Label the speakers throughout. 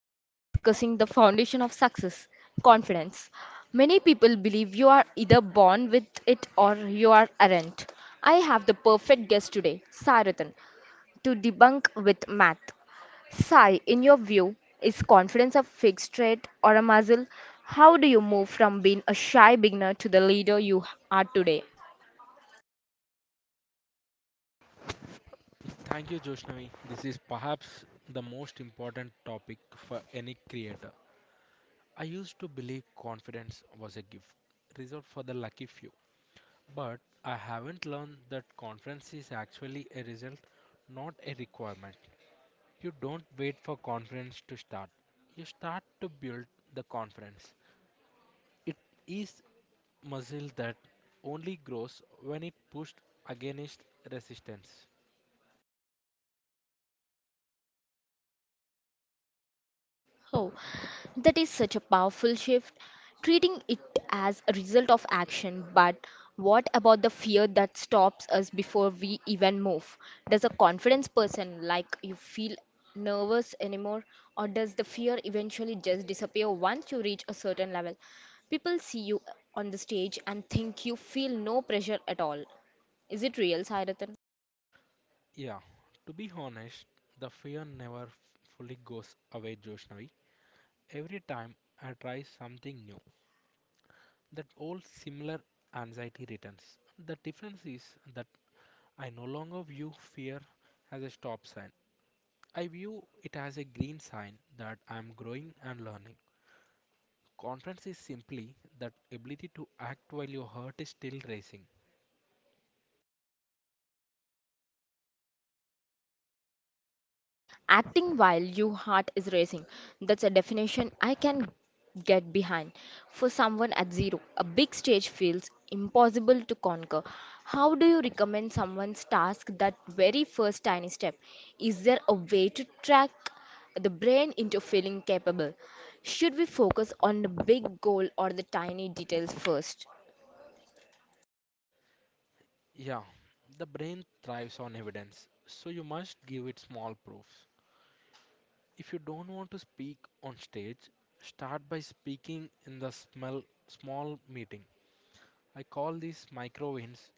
Speaker 1: Today we are discussing the foundation of success confidence. Many people believe you are either born with it or you are aren't. I have the perfect guest today, Sairatan, to debunk with math. Sai, in your view, is confidence a fixed trait or a muscle? How do you move from being a shy beginner to the leader you are today?
Speaker 2: Thank you, Joshnavi. This is perhaps the most important topic for any creator. I used to believe confidence was a gift reserved for the lucky few, but I haven't learned that confidence is actually a result, not a requirement. You don't wait for confidence to start, you start to build the confidence. It is muscle that only grows when it pushed against resistance.
Speaker 1: Oh, that is such a powerful shift, treating it as a result of action. But what about the fear that stops us before we even move? Does a confidence person like you feel nervous anymore, or does the fear eventually just disappear once you reach a certain level? People see you on the stage and think you feel no pressure at all. Is it real, Sairath?
Speaker 2: Yeah, to be honest, the fear never fully goes away, Joshnavi. Every time I try something new, that old similar anxiety returns. The difference is that I no longer view fear as a stop sign. I view it as a green sign that I am growing and learning. Confidence is simply that ability to act while your heart is still racing.
Speaker 1: Acting while your heart is racing. That's a definition I can get behind. For someone at zero, a big stage feels impossible to conquer. How do you recommend someone's task that very first tiny step? Is there a way to track the brain into feeling capable? Should we focus on the big goal or the tiny details first?
Speaker 2: Yeah, the brain thrives on evidence, so you must give it small proofs. If you don't want to speak on stage, start by speaking in the small, small meeting. I call these micro wins,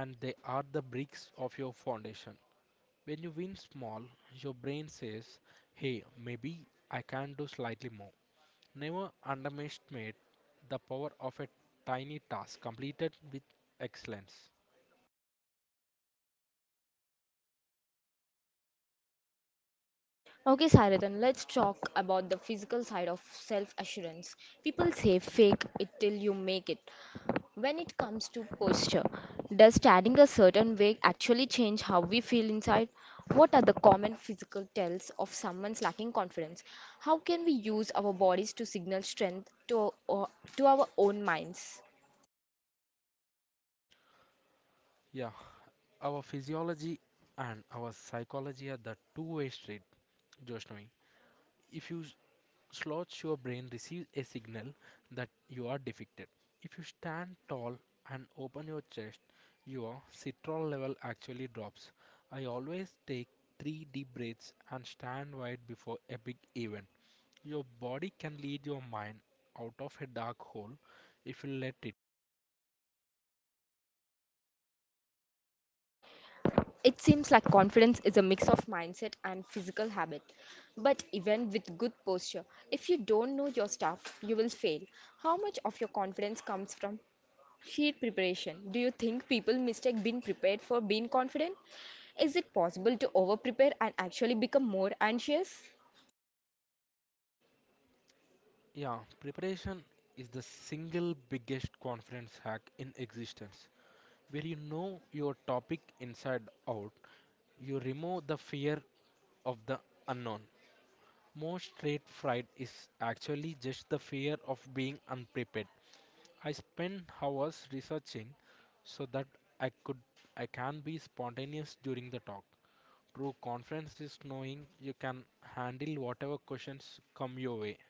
Speaker 2: and they are the bricks of your foundation. When you win small, your brain says, hey, maybe I can do slightly more. Never underestimate the power of a tiny task completed with excellence.
Speaker 1: Okay, Sairadan, let's talk about the physical side of self assurance. People say fake it till you make it. When it comes to posture, does standing a certain way actually change how we feel inside? What are the common physical tells of someone's lacking confidence? How can we use our bodies to signal strength to our own minds?
Speaker 2: Yeah, our physiology and our psychology are the two-way street, Joshnavi. If you slots, your brain receives a signal that you are defeated. If you stand tall and open your chest, your citral level actually drops. I always take three deep breaths and stand wide before a big event. Your body can lead your mind out of a dark hole if you let it.
Speaker 1: It seems like confidence is a mix of mindset and physical habit. But even with good posture, if you don't know your stuff, you will fail. How much of your confidence comes from sheer preparation? Do you think people mistake being prepared for being confident? Is it possible to over prepare and actually become more anxious?
Speaker 2: Yeah, preparation is the single biggest confidence hack in existence. Where you know your topic inside out, you remove the fear of the unknown. Most trade fright is actually just the fear of being unprepared. I spent hours researching so that I could I can be spontaneous during the talk. True confidence is knowing you can handle whatever questions come your way.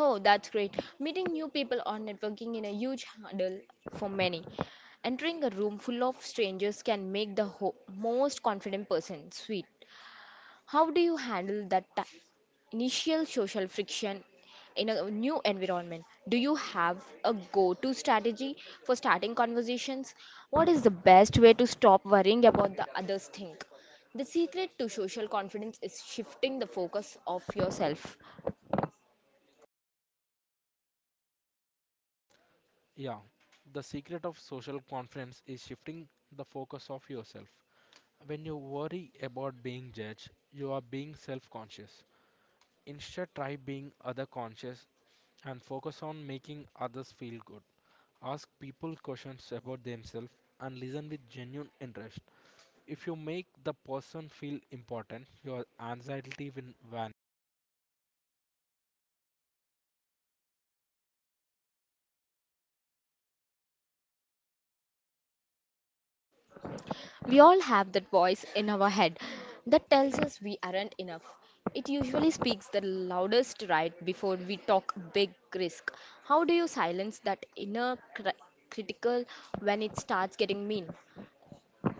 Speaker 1: Oh, that's great. Meeting new people or networking in a huge hurdle for many. Entering a room full of strangers can make the most confident person sweet. How do you handle that initial social friction in a new environment? Do you have a go to strategy for starting conversations? What is the best way to stop worrying about the others' think? The secret to social confidence is shifting the focus of yourself.
Speaker 2: Yeah, the secret of social confidence is shifting the focus of yourself. When you worry about being judged, you are being self conscious. Instead, try being other conscious and focus on making others feel good. Ask people questions about themselves and listen with genuine interest. If you make the person feel important, your anxiety will vanish.
Speaker 1: We all have that voice in our head that tells us we aren't enough. It usually speaks the loudest right before we talk big risk. How do you silence that critical when it starts getting mean?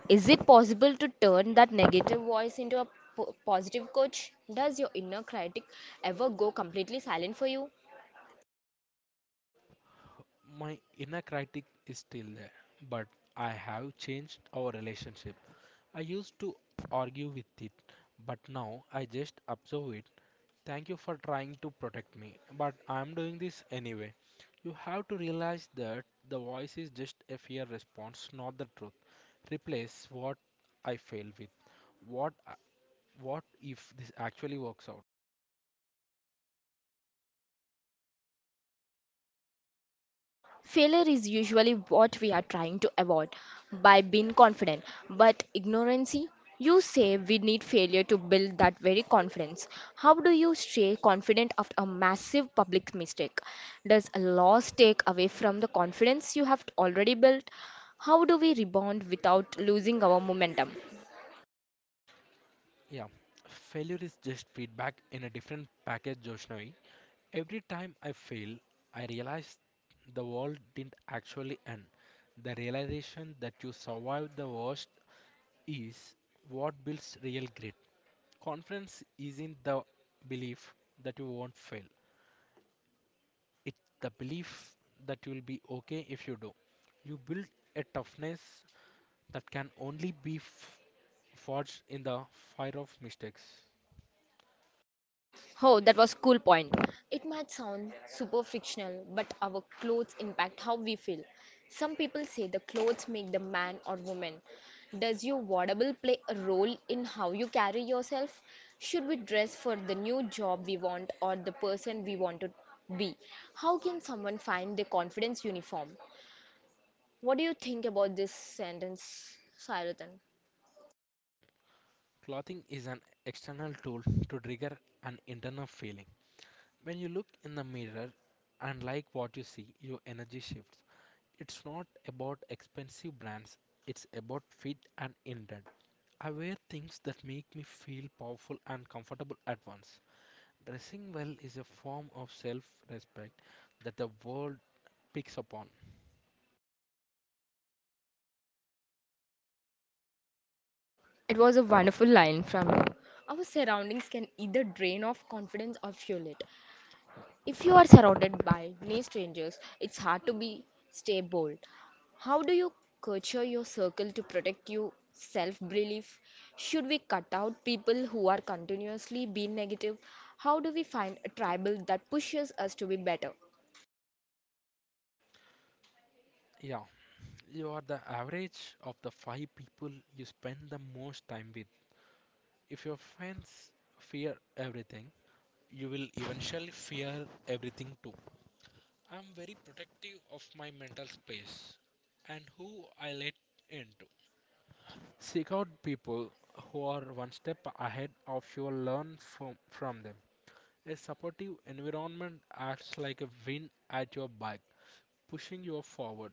Speaker 1: Is it possible to turn that negative voice into a positive coach? Does your inner critic ever go completely silent for you?
Speaker 2: My inner critic is still there, but I have changed our relationship. I used to argue with it, but now I just observe it. Thank you for trying to protect me, but I'm doing this anyway. You have to realize that the voice is just a fear response, not the truth. Replace what I fail with. What I- what if this actually works out?
Speaker 1: Failure is usually what we are trying to avoid by being confident, but ignorance? You say we need failure to build that very confidence. How do you stay confident after a massive public mistake? Does a loss take away from the confidence you have already built? How do we rebound without losing our momentum?
Speaker 2: Yeah. Failure is just feedback in a different package, Joshnavi. Every time I fail, I realize the world didn't actually end. The realization that you survived the worst is what builds real grit. Confidence isn't the belief that you won't fail, it's the belief that you'll be okay if you do. You build a toughness that can only be forged in the fire of mistakes.
Speaker 1: Oh, that was cool point. It might sound super fictional, but our clothes impact how we feel. Some people say the clothes make the man or woman. Does your wardrobe play a role in how you carry yourself? Should we dress for the new job we want or the person we want to be? How can someone find their confidence uniform? What do you think about this sentence, Sairatan?
Speaker 2: Clothing is an external tool to trigger an internal feeling. When you look in the mirror and like what you see, your energy shifts. It's not about expensive brands, it's about fit and intent. I wear things that make me feel powerful and comfortable at once. Dressing well is a form of self respect that the world picks upon.
Speaker 1: It was a wonderful line from you. Our surroundings can either drain off confidence or fuel it. If you are surrounded by many strangers, it's hard to be stay bold. How do you culture your circle to protect your self-belief? Should we cut out people who are continuously being negative? How do we find a tribal that pushes us to be better?
Speaker 2: Yeah, you are the average of the five people you spend the most time with. If your friends fear everything, you will eventually fear everything too. I'm very protective of my mental space and who I let into. Seek out people who are one step ahead of you, learn from them. A supportive environment acts like a wind at your back, pushing you forward.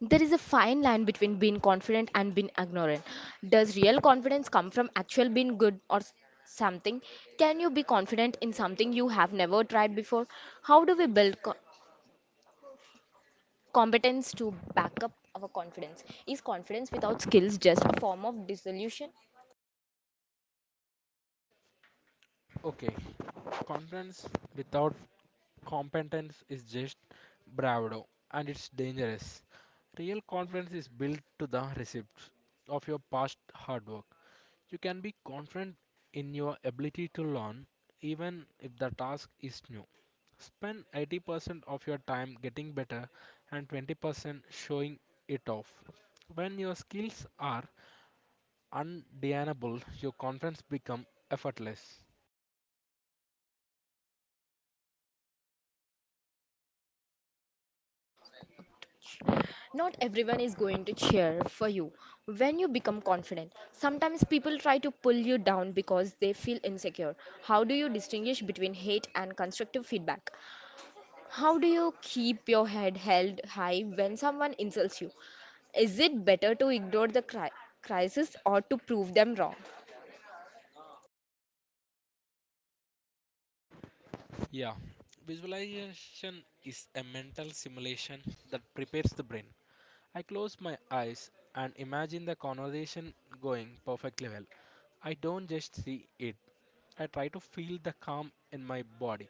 Speaker 1: There is a fine line between being confident and being ignorant. Does real confidence come from actual being good or something? Can you be confident in something you have never tried before? How do we build competence to back up our confidence. Is confidence without skills just a form of dissolution?
Speaker 2: Okay, confidence without competence is just bravado, and it's dangerous. Real confidence is built to the receipts of your past hard work. You can be confident in your ability to learn even if the task is new. Spend 80% of your time getting better and 20% showing it off. When your skills are undeniable, your confidence become effortless.
Speaker 1: Not everyone is going to cheer for you when you become confident. Sometimes people try to pull you down because they feel insecure. How do you distinguish between hate and constructive feedback? How do you keep your head held high when someone insults you? Is it better to ignore the crisis or to prove them wrong?
Speaker 2: Yeah, visualization is a mental simulation that prepares the brain. I close my eyes and imagine the conversation going perfectly well. I don't just see it, I try to feel the calm in my body.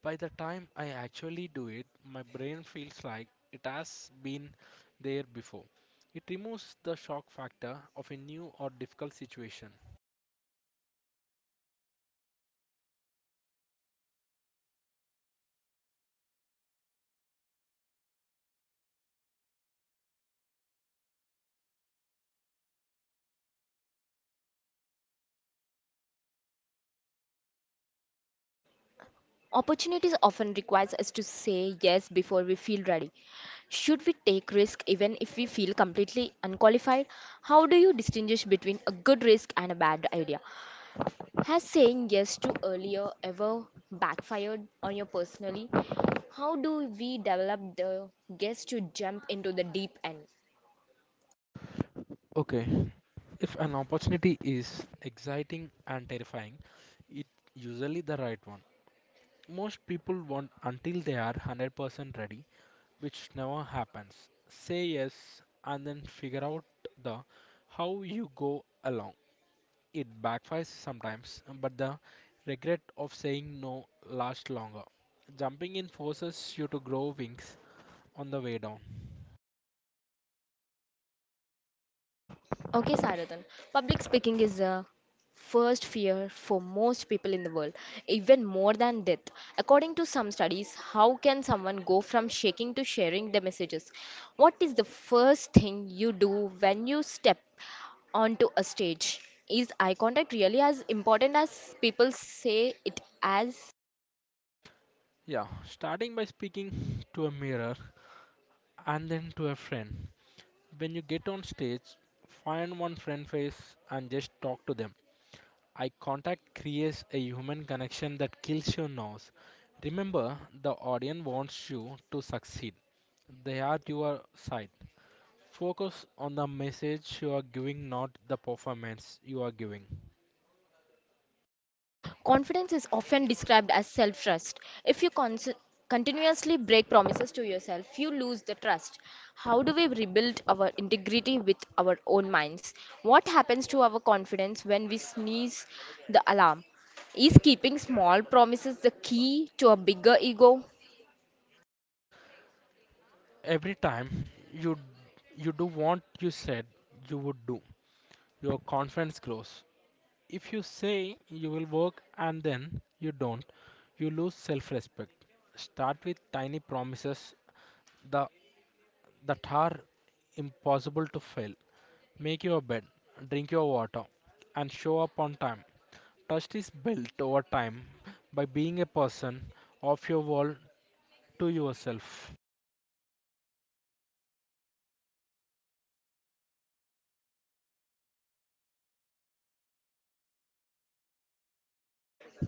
Speaker 2: By the time I actually do it, my brain feels like it has been there before. It removes the shock factor of a new or difficult situation.
Speaker 1: Opportunities often requires us to say yes before we feel ready. Should we take risk even if we feel completely unqualified? How do you distinguish between a good risk and a bad idea? Has saying yes to earlier ever backfired on you personally? How do we develop the guess to jump into the deep end?
Speaker 2: Okay, if an opportunity is exciting and terrifying, it's usually the right one. Most people want until they are 100% ready, which never happens. Say yes and then figure out the how you go along. It backfires sometimes, but the regret of saying no lasts longer. Jumping in forces you to grow wings on the way down.
Speaker 1: Okay, Saradhan. Public speaking is the first fear for most people in the world, even more than death. According to some studies, how can someone go from shaking to sharing their messages? What is the first thing you do when you step onto a stage? Is eye contact really as important as people say it as?
Speaker 2: Yeah, starting by speaking to a mirror and then to a friend. When you get on stage, find one friend face and just talk to them. Eye contact creates a human connection that kills your nerves. Remember, the audience wants you to succeed. They are at your side. Focus on the message you are giving, not the performance you are giving.
Speaker 1: Confidence is often described as self trust. If you continuously break promises to yourself, you lose the trust. How do we rebuild our integrity with our own minds? What happens to our confidence when we sneeze the alarm? Is keeping small promises the key to a bigger ego?
Speaker 2: Every time you you do what you said you would do, your confidence grows. If you say you will work and then you don't, you lose self respect. Start with tiny promises the, that are impossible to fail. Make your bed, drink your water, and show up on time. Trust is built over time by being a person of your world to yourself.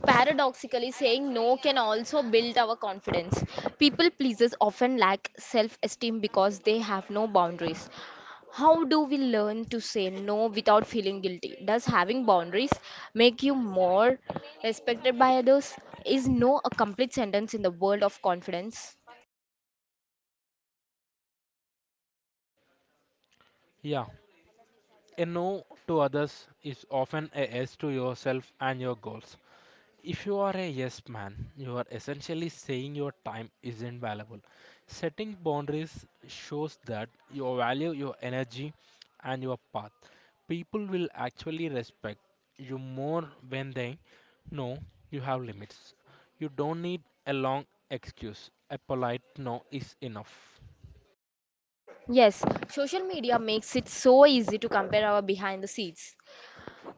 Speaker 1: Paradoxically, saying no can also build our confidence. People pleasers often lack self esteem because they have no boundaries. How do we learn to say no without feeling guilty? Does having boundaries make you more respected by others? Is no a complete sentence in the world of confidence?
Speaker 2: Yeah, a no to others is often a yes to yourself and your goals. If you are a yes man, you are essentially saying your time isn't valuable. Setting boundaries shows that you value your energy and your path. People will actually respect you more when they know you have limits. You don't need a long excuse. A polite no is enough.
Speaker 1: Yes, social media makes it so easy to compare our behind the scenes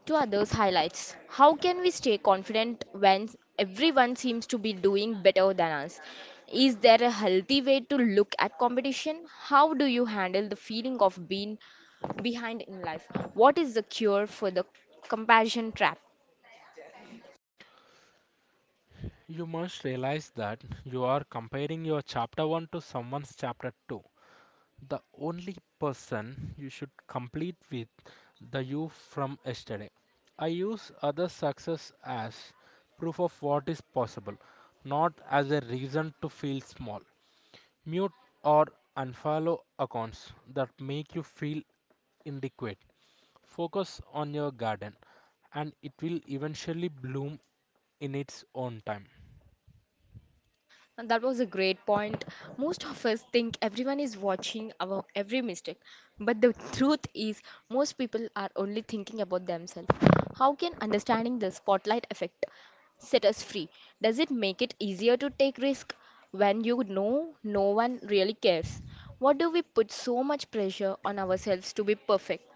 Speaker 1: to others' highlights. How can we stay confident when everyone seems to be doing better than us? Is there a healthy way to look at competition? How do you handle the feeling of being behind in life? What is the cure for the comparison trap?
Speaker 2: You must realize that you are comparing your chapter 1 to someone's chapter 2. The only person you should complete with the you from yesterday. I use other success as proof of what is possible, not as a reason to feel small. Mute or unfollow accounts that make you feel inadequate. Focus on your garden and it will eventually bloom in its own time.
Speaker 1: And that was a great point. Most of us think everyone is watching our every mistake, but the truth is, most people are only thinking about themselves. How can understanding the spotlight effect set us free? Does it make it easier to take risk when you know no one really cares? What do we put so much pressure on ourselves to be perfect?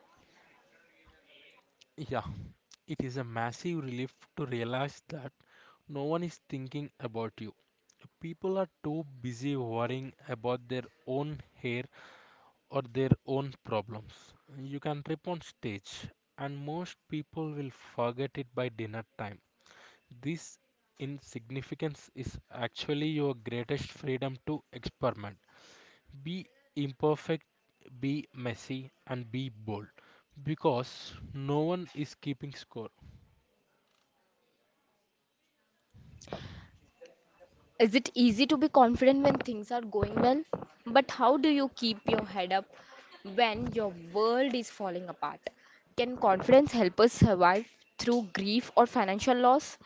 Speaker 2: Yeah, it is a massive relief to realize that no one is thinking about you. People are too busy worrying about their own hair or their own problems. You can trip on stage, and most people will forget it by dinner time. This insignificance is actually your greatest freedom to experiment. Be imperfect, be messy, and be bold because no one is keeping score.
Speaker 1: Is it easy to be confident when things are going well? But how do you keep your head up when your world is falling apart? Can confidence help us survive through grief or financial loss?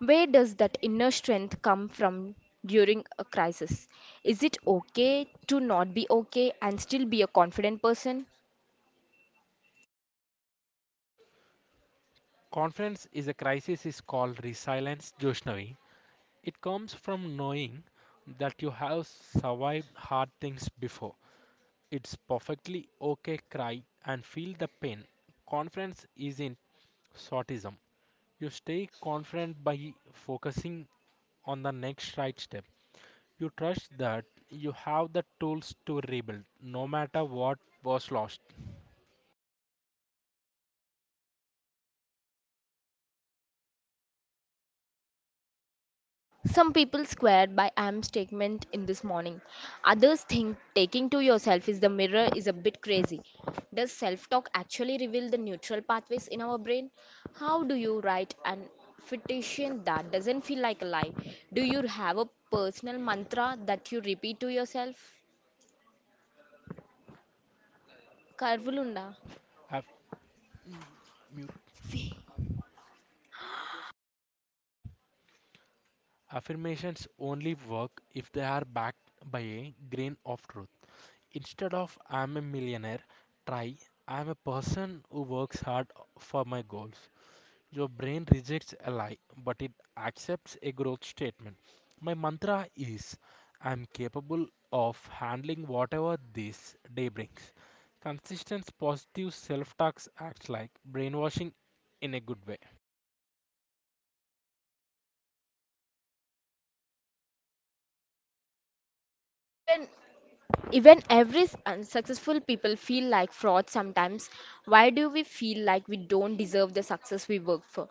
Speaker 1: Where does that inner strength come from during a crisis? Is it okay to not be okay and still be a confident person?
Speaker 2: Confidence is a crisis is called resilience, Joshnavi. It comes from knowing that you have survived hard things before. It's perfectly okay cry and feel the pain. Confidence isn't sortism. You stay confident by focusing on the next right step. You trust that you have the tools to rebuild no matter what was lost.
Speaker 1: Some people swear by I am statement in this morning. Others think taking to yourself is the mirror is a bit crazy. Does self talk actually reveal the neutral pathways in our brain? How do you write an affirmation that doesn't feel like a lie? Do you have a personal mantra that you repeat to yourself? Karvulunda.
Speaker 2: Aff- Affirmations only work if they are backed by a grain of truth. Instead of I'm a millionaire, try I'm a person who works hard for my goals. Your brain rejects a lie, but it accepts a growth statement. My mantra is I'm capable of handling whatever this day brings. Consistent positive self talk acts like brainwashing in a good way.
Speaker 1: Even even every unsuccessful people feel like fraud sometimes. Why do we feel like we don't deserve the success we work for?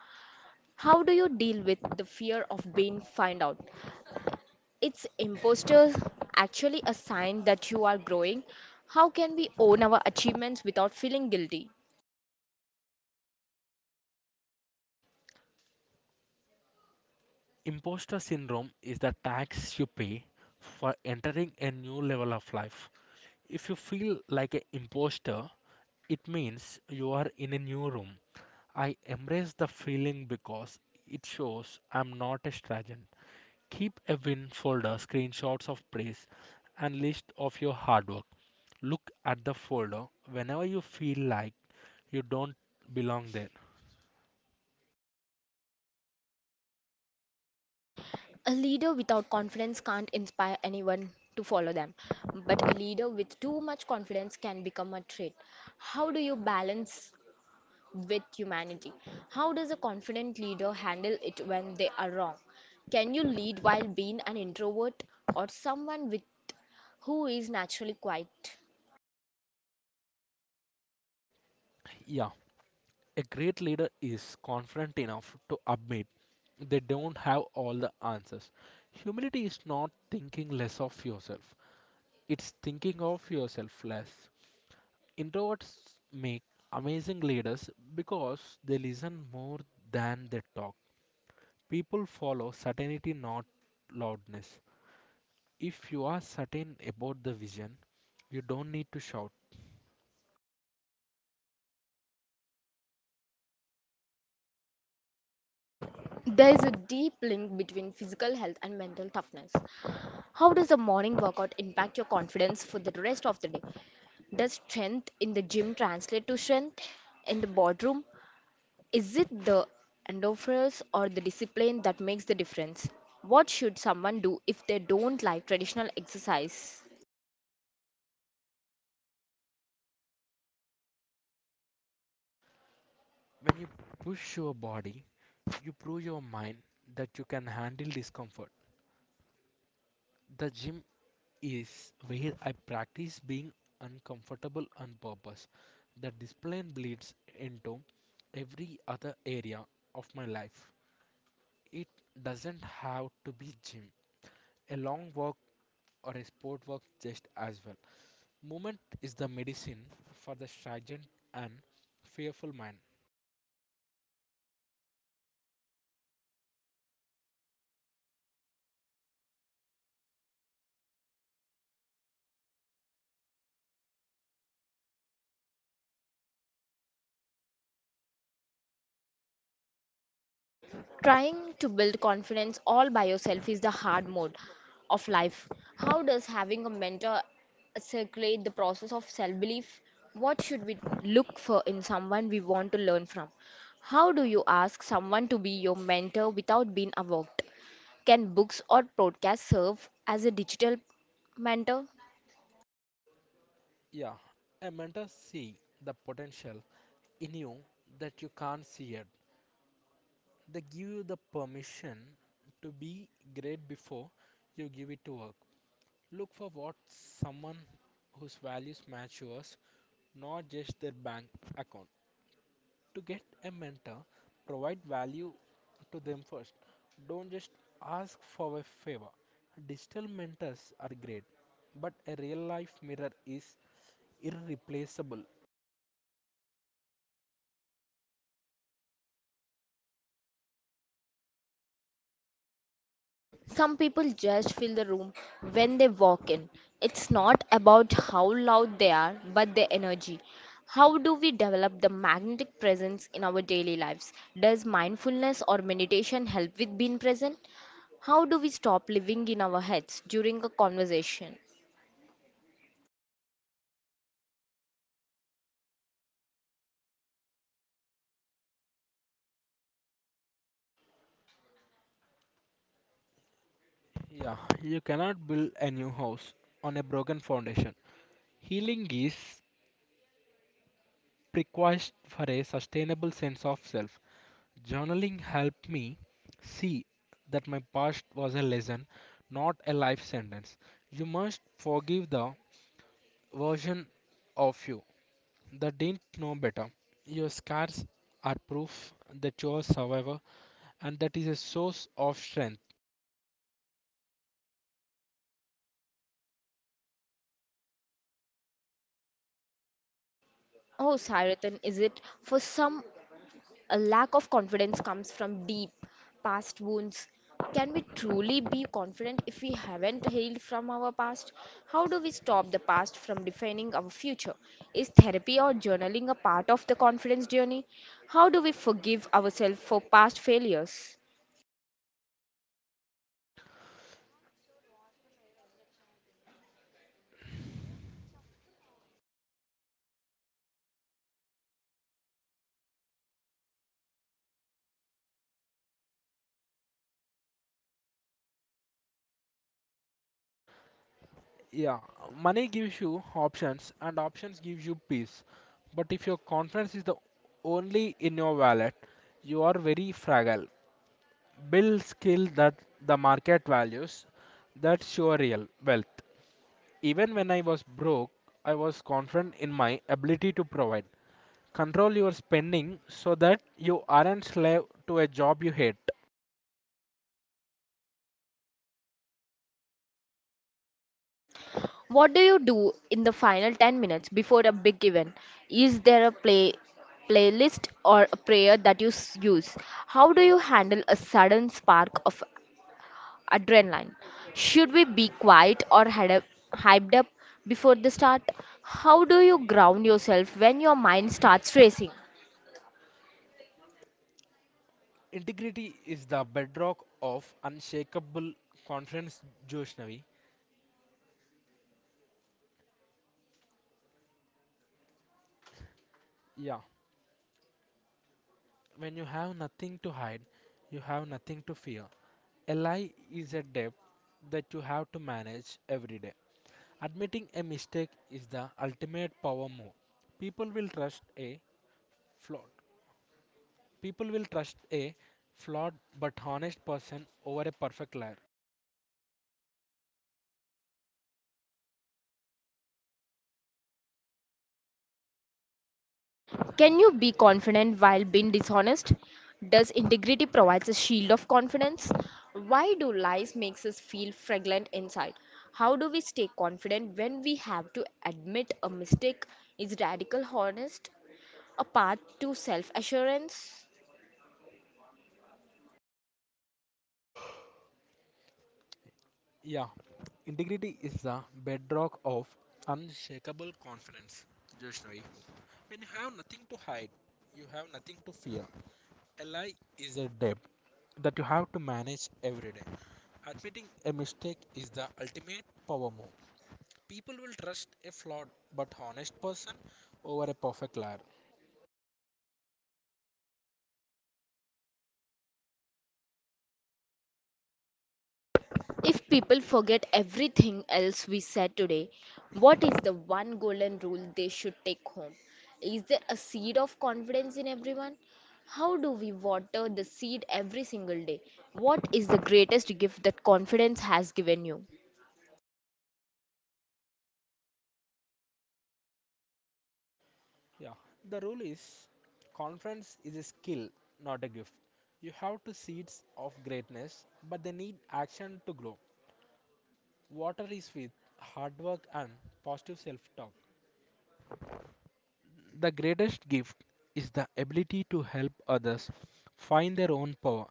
Speaker 1: How do you deal with the fear of being found out? It's imposter actually a sign that you are growing. How can we own our achievements without feeling guilty?
Speaker 2: Imposter syndrome is the tax you pay for entering a new level of life. If you feel like an imposter, it means you are in a new room. I embrace the feeling because it shows I'm not a stranger. Keep a win folder, screenshots of praise, and list of your hard work. Look at the folder whenever you feel like you don't belong there.
Speaker 1: A leader without confidence can't inspire anyone to follow them, but a leader with too much confidence can become a trait. How do you balance with humanity. How does a confident leader handle it when they are wrong? Can you lead while being an introvert or someone with who is naturally quiet?
Speaker 2: Yeah, a great leader is confident enough to admit they don't have all the answers. Humility is not thinking less of yourself, it's thinking of yourself less. Introverts make amazing leaders because they listen more than they talk. People follow certainty, not loudness. If you are certain about the vision, you don't need to shout.
Speaker 1: There is a deep link between physical health and mental toughness. How does a morning workout impact your confidence for the rest of the day? Does strength in the gym translate to strength in the boardroom? Is it the endophores or the discipline that makes the difference? What should someone do if they don't like traditional exercise?
Speaker 2: When you push your body, you prove your mind that you can handle discomfort. The gym is where I practice being uncomfortable on purpose. The discipline bleeds into every other area of my life. It doesn't have to be gym. A long walk or a sport walk just as well. Movement is the medicine for the stagnant and fearful mind.
Speaker 1: Trying to build confidence all by yourself is the hard mode of life. How does having a mentor circulate the process of self belief? What should we look for in someone we want to learn from? How do you ask someone to be your mentor without being avoked? Can books or podcasts serve as a digital mentor?
Speaker 2: Yeah, a mentor see the potential in you that you can't see yet. They give you the permission to be great before you give it to work. Look for what someone whose values match yours, not just their bank account. To get a mentor, provide value to them first. Don't just ask for a favor. Digital mentors are great, but a real life mirror is irreplaceable.
Speaker 1: Some people just fill the room when they walk in. It's not about how loud they are, but their energy. How do we develop the magnetic presence in our daily lives? Does mindfulness or meditation help with being present? How do we stop living in our heads during a conversation?
Speaker 2: Yeah, you cannot build a new house on a broken foundation. Healing is required for a sustainable sense of self. Journaling helped me see that my past was a lesson, not a life sentence. You must forgive the version of you. They didn't know better. Your scars are proof that you're a survivor and that is a source of strength.
Speaker 1: Oh, Saratan, is it for some a lack of confidence comes from deep past wounds. Can we truly be confident if we haven't healed from our past? How do we stop the past from defining our future? Is therapy or journaling a part of the confidence journey? How do we forgive ourselves for past failures?
Speaker 2: Yeah, money gives you options and options gives you peace. But if your confidence is the only in your wallet, you are very fragile. Build skill that the market values. That's your real wealth. Even when I was broke, I was confident in my ability to provide. Control your spending so that you aren't slave to a job you hate.
Speaker 1: What do you do in the final 10 minutes before a big event? Is there a playlist or a prayer that you use? How do you handle a sudden spark of adrenaline. Should we be quiet or hyped up before the start? How do you ground yourself when your mind starts racing?
Speaker 2: Integrity is the bedrock of unshakable confidence, Joshnavi. Yeah, when you have nothing to hide, you have nothing to fear. A lie is a debt that you have to manage every day. Admitting a mistake is the ultimate power move. People will trust a flawed. People will trust a flawed but honest person over a perfect liar.
Speaker 1: Can you be confident while being dishonest? Does integrity provides a shield of confidence? Why do lies makes us feel fragrant inside? How do we stay confident when we have to admit a mistake? Is radical honest a path to self assurance?
Speaker 2: Yeah, integrity is the bedrock of unshakable confidence, Joshnavi. When you have nothing to hide, you have nothing to fear. A lie is a debt that you have to manage every day. Admitting a mistake is the ultimate power move. People will trust a flawed but honest person over a perfect liar.
Speaker 1: If people forget everything else we said today, what is the one golden rule they should take home? Is there a seed of confidence in everyone? How do we water the seed every single day? What is the greatest gift that confidence has given you?
Speaker 2: Yeah, the rule is confidence is a skill, not a gift. You have to seeds of greatness, but they need action to grow. Water is with hard work and positive self talk. The greatest gift is the ability to help others find their own power.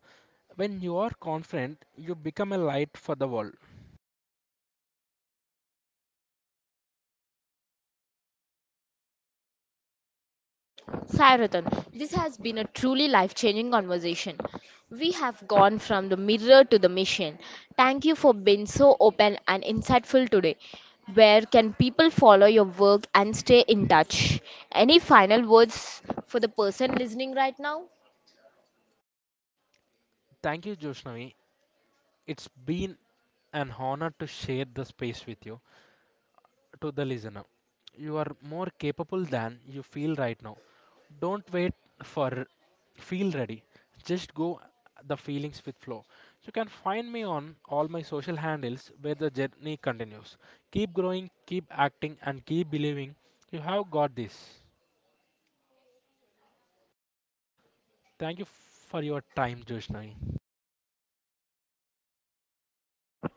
Speaker 2: When you are confident, you become a light for the world.
Speaker 1: Saratan, this has been a truly life changing conversation. We have gone from the mirror to the mission. Thank you for being so open and insightful today. Where can people follow your work and stay in touch? Any final words for the person listening right now?
Speaker 2: Thank you, Joshnavi. It's been an honor to share the space with you. To the listener. You are more capable than you feel right now. Don't wait for feel ready. Just go the feelings with flow. You can find me on all my social handles where the journey continues. Keep growing, keep acting, and keep believing you have got this. Thank you for your time, Joshna.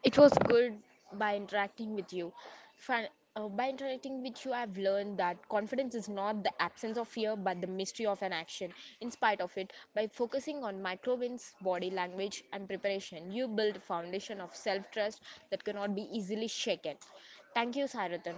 Speaker 1: It was good by interacting with you. Fin- by interacting with you, I've learned that confidence is not the absence of fear but the mystery of an action. In spite of it, by focusing on micro wins, body language, and preparation, you build a foundation of self trust that cannot be easily shaken. Thank you, Sarathan.